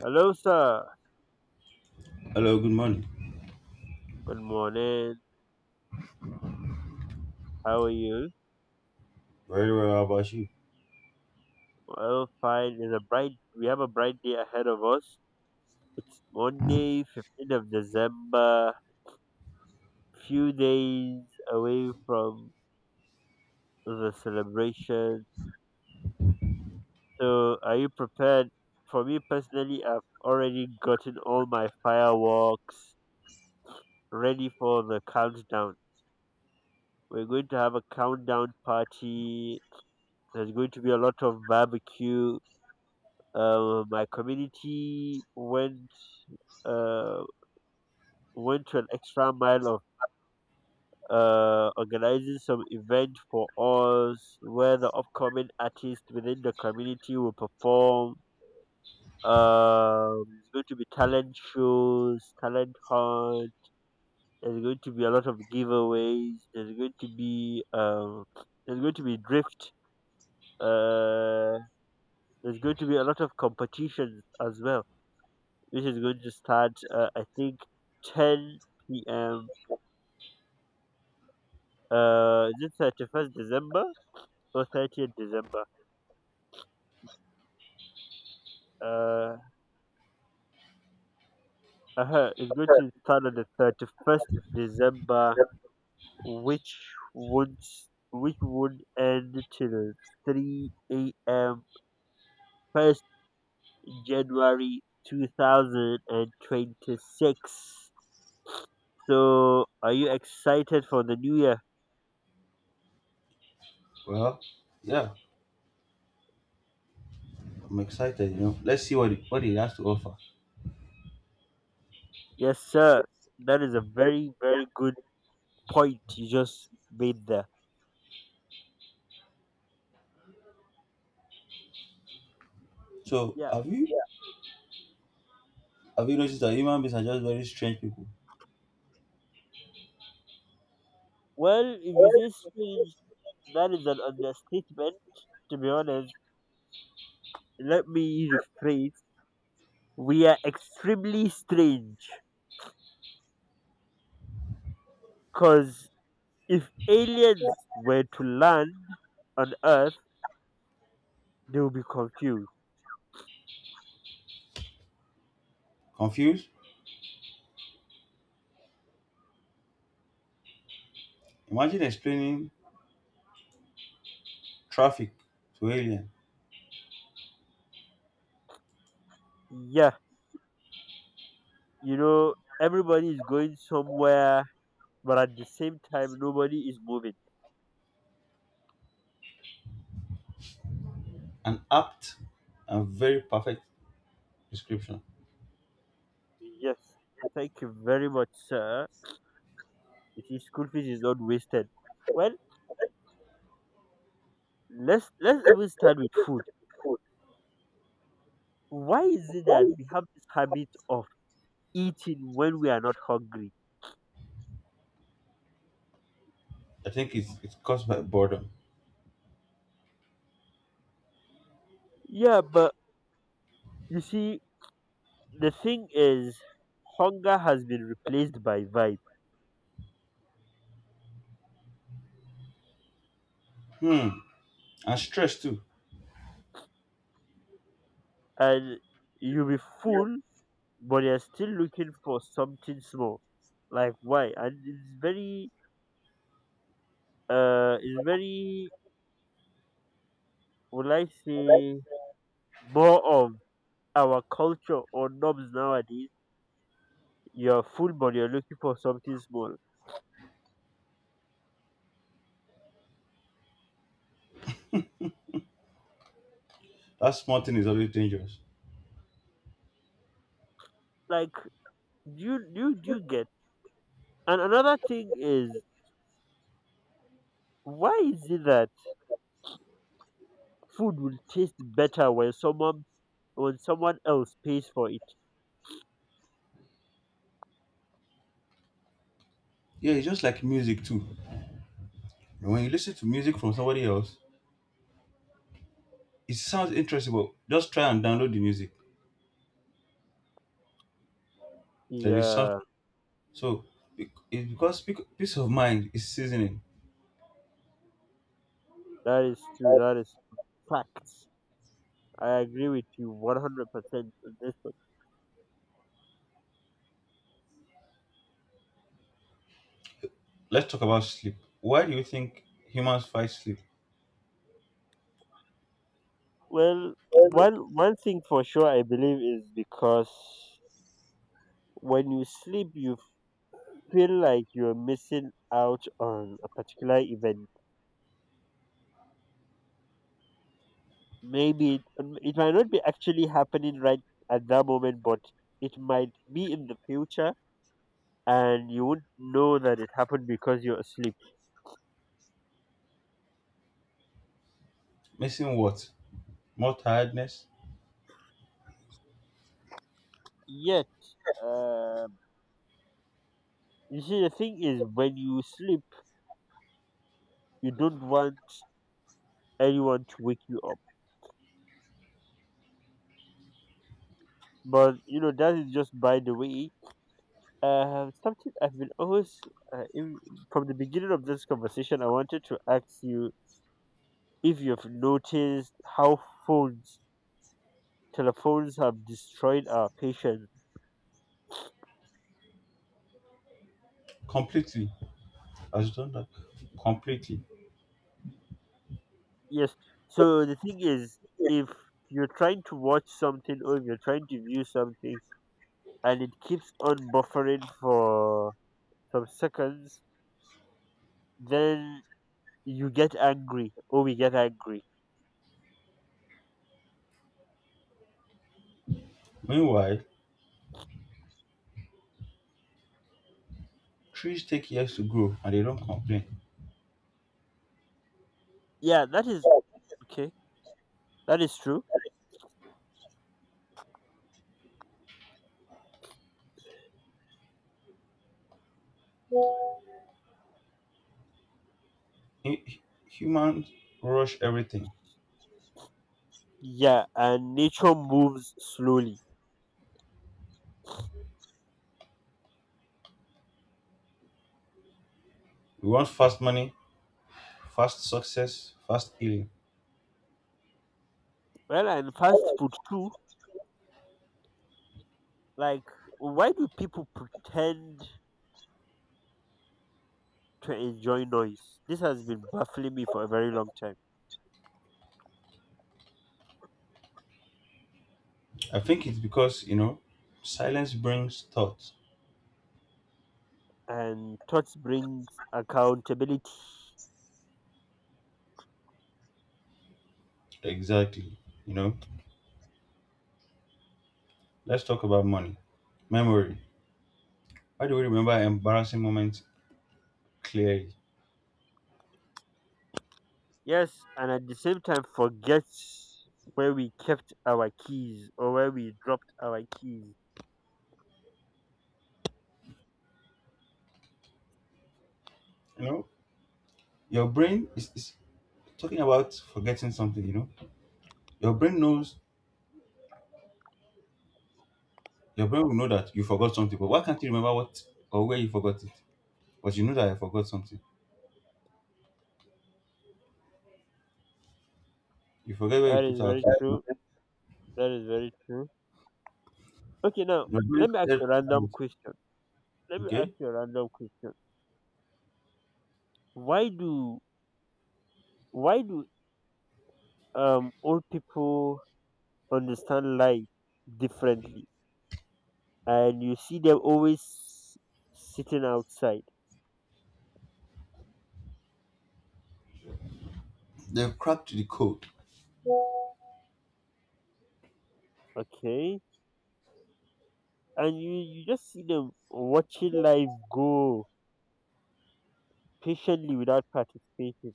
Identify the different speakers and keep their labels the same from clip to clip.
Speaker 1: Hello, sir.
Speaker 2: Hello, good morning.
Speaker 1: Good morning. How are you?
Speaker 2: Very well, how about you?
Speaker 1: Well, fine. It's a bright. We have a bright day ahead of us. It's Monday, 15th of December. Few days away from the celebration. So, are you prepared? For me personally, I've already gotten all my fireworks ready for the countdown. We're going to have a countdown party. There's going to be a lot of barbecue. My community went uh, went to an extra mile of organizing some event for us where the upcoming artists within the community will perform. It's going to be talent shows, talent hunt. There's going to be a lot of giveaways. There's going to be there's going to be drift. Uh, there's going to be a lot of competitions as well, which is going to start. I think 10 p.m. Is it 31st December or 30th December? Uh, it's going to start on the 31st December, which would which would end till 3 a.m. 1st January 2026. So, are you excited for the new year?
Speaker 2: Well, yeah, I'm excited, you know. Let's see what it has to offer.
Speaker 1: Yes, sir. That is a very, very good point you just made there.
Speaker 2: So,
Speaker 1: Yeah.
Speaker 2: have you noticed that human beings are just very strange people?
Speaker 1: Well, if you say strange, that is an understatement, to be honest. Let me rephrase. We are extremely strange. Because if aliens were to land on Earth, they will be confused.
Speaker 2: Confused? Imagine explaining traffic to alien.
Speaker 1: Yeah, you know, everybody is going somewhere, but at the same time, nobody is moving.
Speaker 2: An apt and very perfect description.
Speaker 1: Yes, thank you very much, sir. You see, school fees is not wasted. Well, let's even start with food. Why is it that we have this habit of eating when we are not hungry?
Speaker 2: I think it's caused by boredom.
Speaker 1: Yeah, but you see, the thing is, hunger has been replaced by vibe,
Speaker 2: Hmm, and stress too.
Speaker 1: and you'll be full, but you're still looking for something small. Like why? And it's very, would I say, more of our culture or norms nowadays. You're full, but you're looking for something small.
Speaker 2: That small thing is always dangerous.
Speaker 1: Like, do you get? And another thing is, why is it that food will taste better when someone else pays for it?
Speaker 2: Yeah, it's just like music too. When you listen to music from somebody else, it sounds interesting, but just try and download the music. There is such
Speaker 1: Yeah,
Speaker 2: so it's because peace of mind is seasoning.
Speaker 1: that is true. That is facts. I agree with you 100% on this one.
Speaker 2: Let's talk about sleep. Why do you think humans fight sleep?
Speaker 1: Well, one thing for sure I believe is because when you sleep, you feel like you're missing out on a particular event. Maybe it, it might not be actually happening right at that moment, but it might be in the future and you wouldn't know that it happened because you're asleep.
Speaker 2: Missing what? More tiredness?
Speaker 1: Yet, um you see, the thing is, when you sleep, you don't want anyone to wake you up. But you know, that is just by the way. Something I've been always uh, in, from the beginning of this conversation, I wanted to ask you if you've noticed how phones, telephones, have destroyed our patience.
Speaker 2: Completely. As done that completely.
Speaker 1: Yes. So the thing is, if you're trying to watch something or if you're trying to view something and it keeps on buffering for some seconds, then you get angry or we get angry.
Speaker 2: Meanwhile, trees take years to grow and they don't complain.
Speaker 1: Yeah, that is okay. That is true.
Speaker 2: Hu- hu- Humans rush everything.
Speaker 1: Yeah, and nature moves slowly.
Speaker 2: We want fast money, fast success, fast healing.
Speaker 1: Well, and fast food too. Like, why do people pretend to enjoy noise? This has been baffling me for a very long time.
Speaker 2: I think it's because silence brings thoughts.
Speaker 1: And thoughts brings accountability.
Speaker 2: Exactly. You know, let's talk about money, memory. Why do we remember embarrassing moments clearly?
Speaker 1: Yes, and at the same time, forget where we kept our keys or where we dropped our keys.
Speaker 2: You know, your brain is talking about forgetting something. Your brain knows, your brain will know that you forgot something, but why can't you remember what or where you forgot it? But you know that I forgot something. You forget where you
Speaker 1: That
Speaker 2: put
Speaker 1: is
Speaker 2: our key.
Speaker 1: very
Speaker 2: you
Speaker 1: true.
Speaker 2: know.
Speaker 1: That is very true. Okay, now
Speaker 2: Your brain
Speaker 1: let me ask
Speaker 2: said,
Speaker 1: you a random question. Let me ask
Speaker 2: okay?
Speaker 1: you a random question. Why do why do old people understand life differently, and you see them always sitting outside,
Speaker 2: They've cracked the code.
Speaker 1: okay, and you just see them watching life go patiently without participating.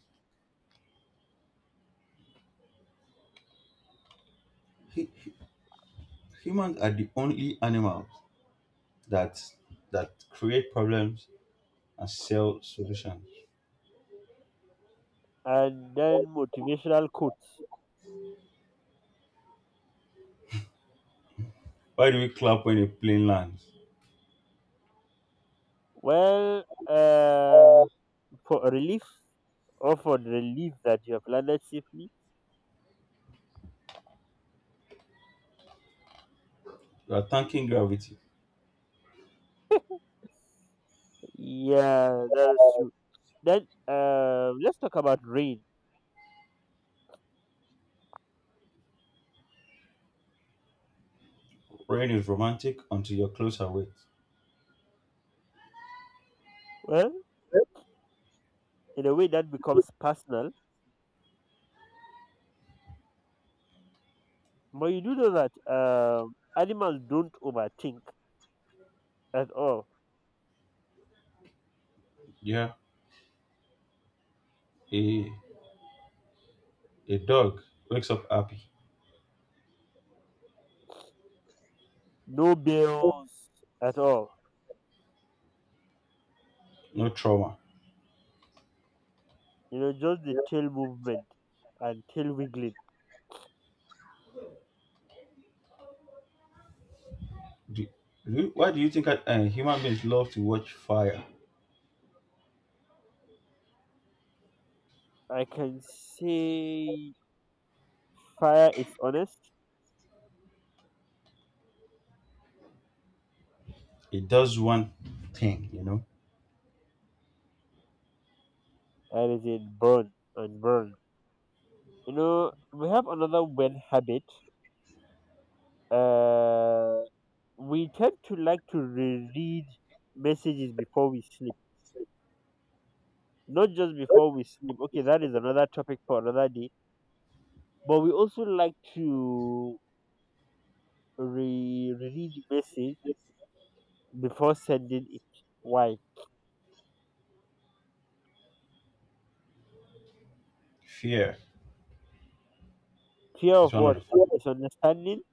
Speaker 2: Hu- Humans are the only animals that that create problems and sell solutions.
Speaker 1: And then motivational quotes.
Speaker 2: Why do we clap when a plane lands?
Speaker 1: Well, for relief or for the relief that you have landed safely.
Speaker 2: We are thanking gravity.
Speaker 1: Yeah, that's true. Then let's talk about rain.
Speaker 2: Rain is romantic until you're closer with.
Speaker 1: Well, in a way that becomes personal, but you do know that animals don't overthink at all.
Speaker 2: Yeah. A a dog wakes up happy.
Speaker 1: No bills at all.
Speaker 2: No trauma.
Speaker 1: You know, just the tail movement and tail wiggling.
Speaker 2: Do, do why do you think that human beings love to watch fire?
Speaker 1: I can say fire is honest.
Speaker 2: It does one thing, you know.
Speaker 1: Anything burn and burn. You know, we have another bad habit. Uh, we tend to like to reread messages before we sleep. Not just before we sleep. Okay, that is another topic for another day. But we also like to reread message before sending it. Why?
Speaker 2: Fear
Speaker 1: Fear
Speaker 2: is
Speaker 1: of
Speaker 2: one of
Speaker 1: what?
Speaker 2: the
Speaker 1: Misunderstanding.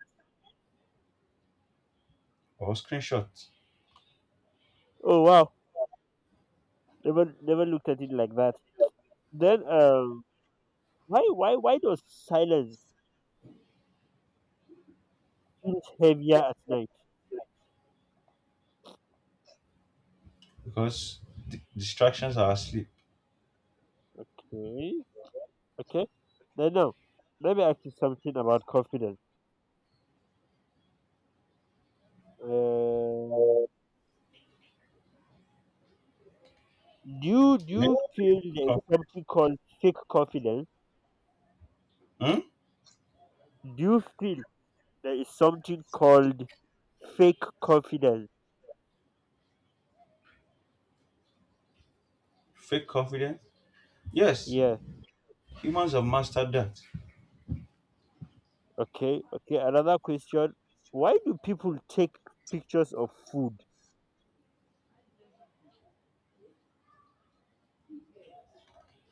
Speaker 2: or screenshots
Speaker 1: Oh wow, never looked at it like that. Then why does silence feels heavier at night?
Speaker 2: because distractions are asleep.
Speaker 1: Okay, okay. Then now, let me ask you something about confidence. Um, do you do
Speaker 2: You
Speaker 1: you
Speaker 2: know,
Speaker 1: feel there is
Speaker 2: co-
Speaker 1: something called fake confidence?
Speaker 2: hmm?
Speaker 1: Do you feel there is something called fake confidence?
Speaker 2: Fake confidence. Yes,
Speaker 1: Yeah.
Speaker 2: humans have mastered that.
Speaker 1: Okay. Okay. Another question. Why do people take pictures of food?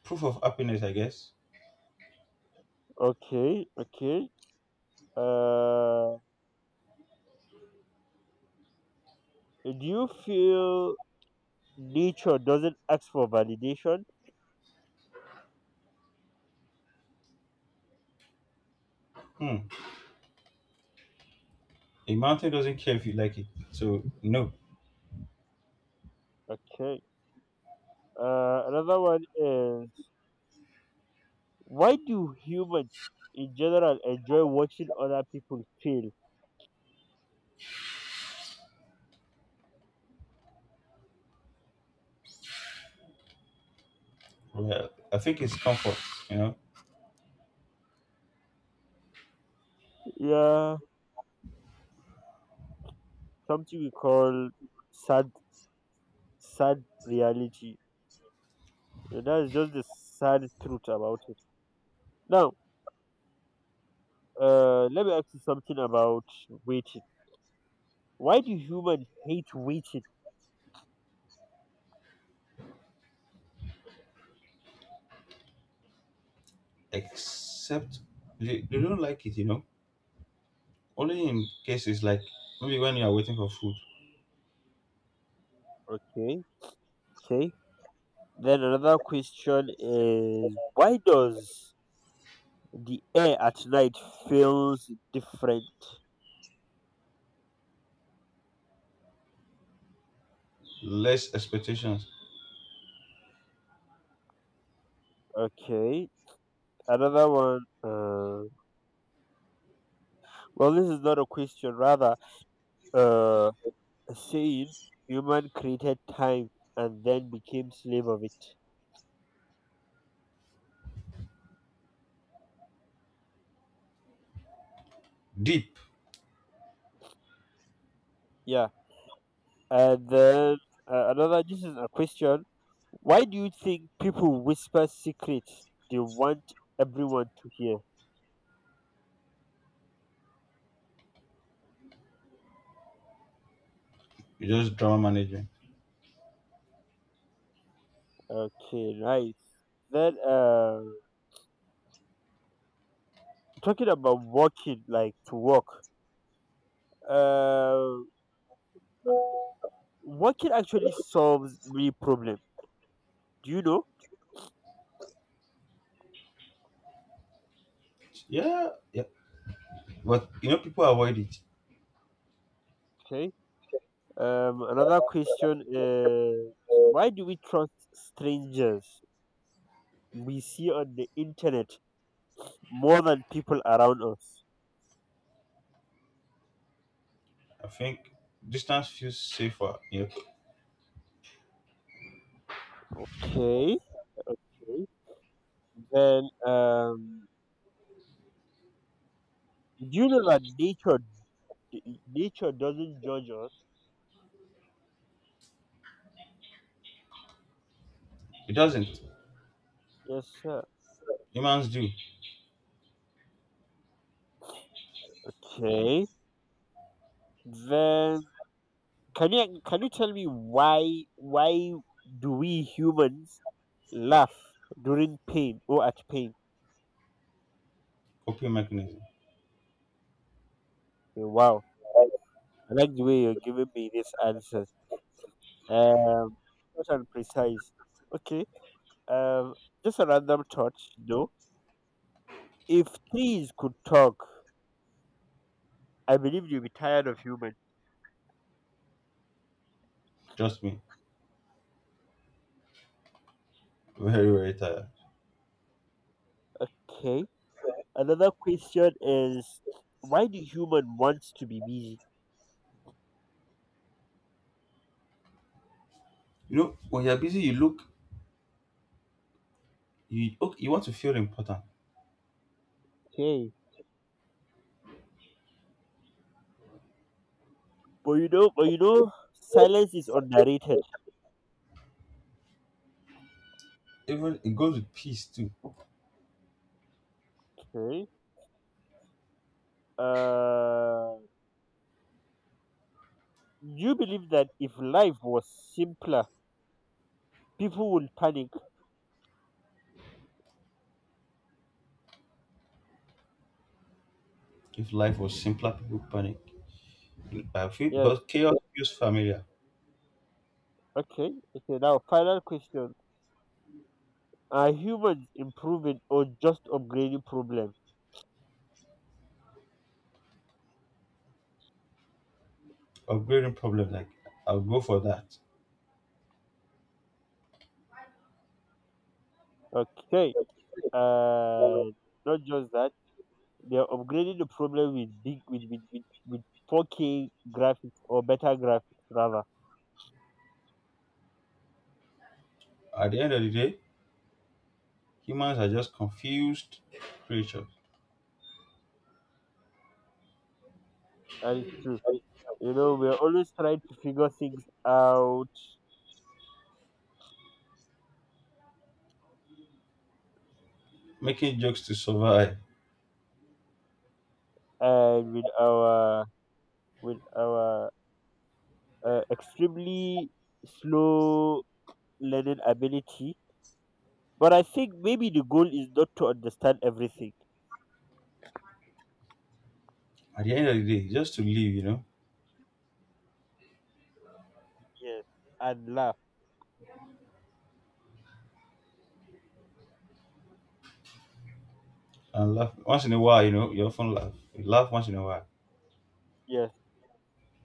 Speaker 2: Proof of happiness, I guess.
Speaker 1: Okay. Okay. Uh, do you feel nature doesn't ask for validation?
Speaker 2: Hmm. A mountain doesn't care if you like it. So no.
Speaker 1: Okay. Another one is, why do humans in general enjoy watching other people fail?
Speaker 2: Well, I think it's comfort, you know,
Speaker 1: Yeah, something we call sad, sad reality. And that is just the sad truth about it. Now, let me ask you something about waiting. Why do humans hate waiting?
Speaker 2: except they don't like it, you know. Only in cases like maybe when you are waiting for food,
Speaker 1: Okay, okay. Then another question is why does the air at night feels different?
Speaker 2: less expectations,
Speaker 1: Okay, another one. Well, this is not a question, rather uh, a saying. Human created time and then became slave of it.
Speaker 2: deep,
Speaker 1: Yeah, and then another. This is a question. Why do you think people whisper secrets they want everyone to hear?
Speaker 2: you just drama management.
Speaker 1: Okay, nice. Then talking about walking, like to walk, Uh, working actually solves many problem. Do you know?
Speaker 2: Yeah, yeah. But, you know, people avoid it.
Speaker 1: Okay. Another question is why do we trust strangers we see on the internet more than people around us?
Speaker 2: I think distance feels safer. You know,
Speaker 1: Okay, then do you know that nature doesn't judge us?
Speaker 2: it doesn't.
Speaker 1: Yes, sir.
Speaker 2: Humans do.
Speaker 1: Okay, then can you tell me why do we humans laugh during pain or at pain?
Speaker 2: Coping mechanism.
Speaker 1: Okay, wow, I like the way you're giving me this answer. Um, short and precise. Okay. Um, just a random thought. You know, if trees could talk, I believe you'll be tired of human.
Speaker 2: Trust me. Very, very tired.
Speaker 1: Okay. Another question is, why do human wants to be busy?
Speaker 2: You know, when you're busy, you look, you, okay, you want to feel important.
Speaker 1: Okay. But you know, silence is underrated.
Speaker 2: Even it goes with peace too.
Speaker 1: Okay. Uh, you believe that if life was simpler, people would panic.
Speaker 2: If life was simpler, people panic. I feel because
Speaker 1: Yes.
Speaker 2: chaos feels familiar.
Speaker 1: Okay. Okay. Now, final question. Are humans improving or just upgrading problem?
Speaker 2: Upgrading problem like I'll go for that.
Speaker 1: Okay. Uh, Not just that. They are upgrading the problem with big with 4K graphics or better graphics rather.
Speaker 2: At the end of the day, humans are just confused creatures
Speaker 1: And it's true. You know, we are always trying to figure things out
Speaker 2: making jokes to survive.
Speaker 1: and with our extremely slow learning ability. But I think maybe the goal is not to understand everything.
Speaker 2: At the end of the day, just to live, you know,
Speaker 1: Yes. And laugh.
Speaker 2: and laugh once in a while. You know, you often laugh. You laugh once in a while.
Speaker 1: Yes.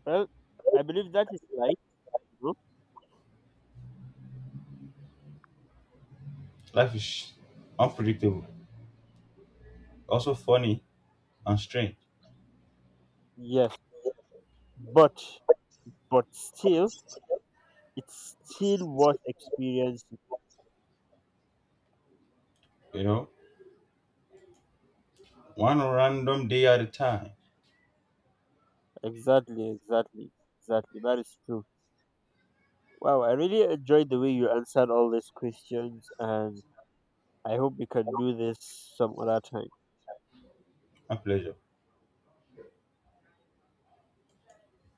Speaker 1: Well, I believe that is right. You know?
Speaker 2: Life is unpredictable, also funny and strange.
Speaker 1: Yes, but but still, it's still worth experiencing.
Speaker 2: You know, one random day at a time.
Speaker 1: Exactly, exactly, exactly. That is true. Wow, I really enjoyed the way you answered all these questions, and I hope we can do this some other time.
Speaker 2: My pleasure.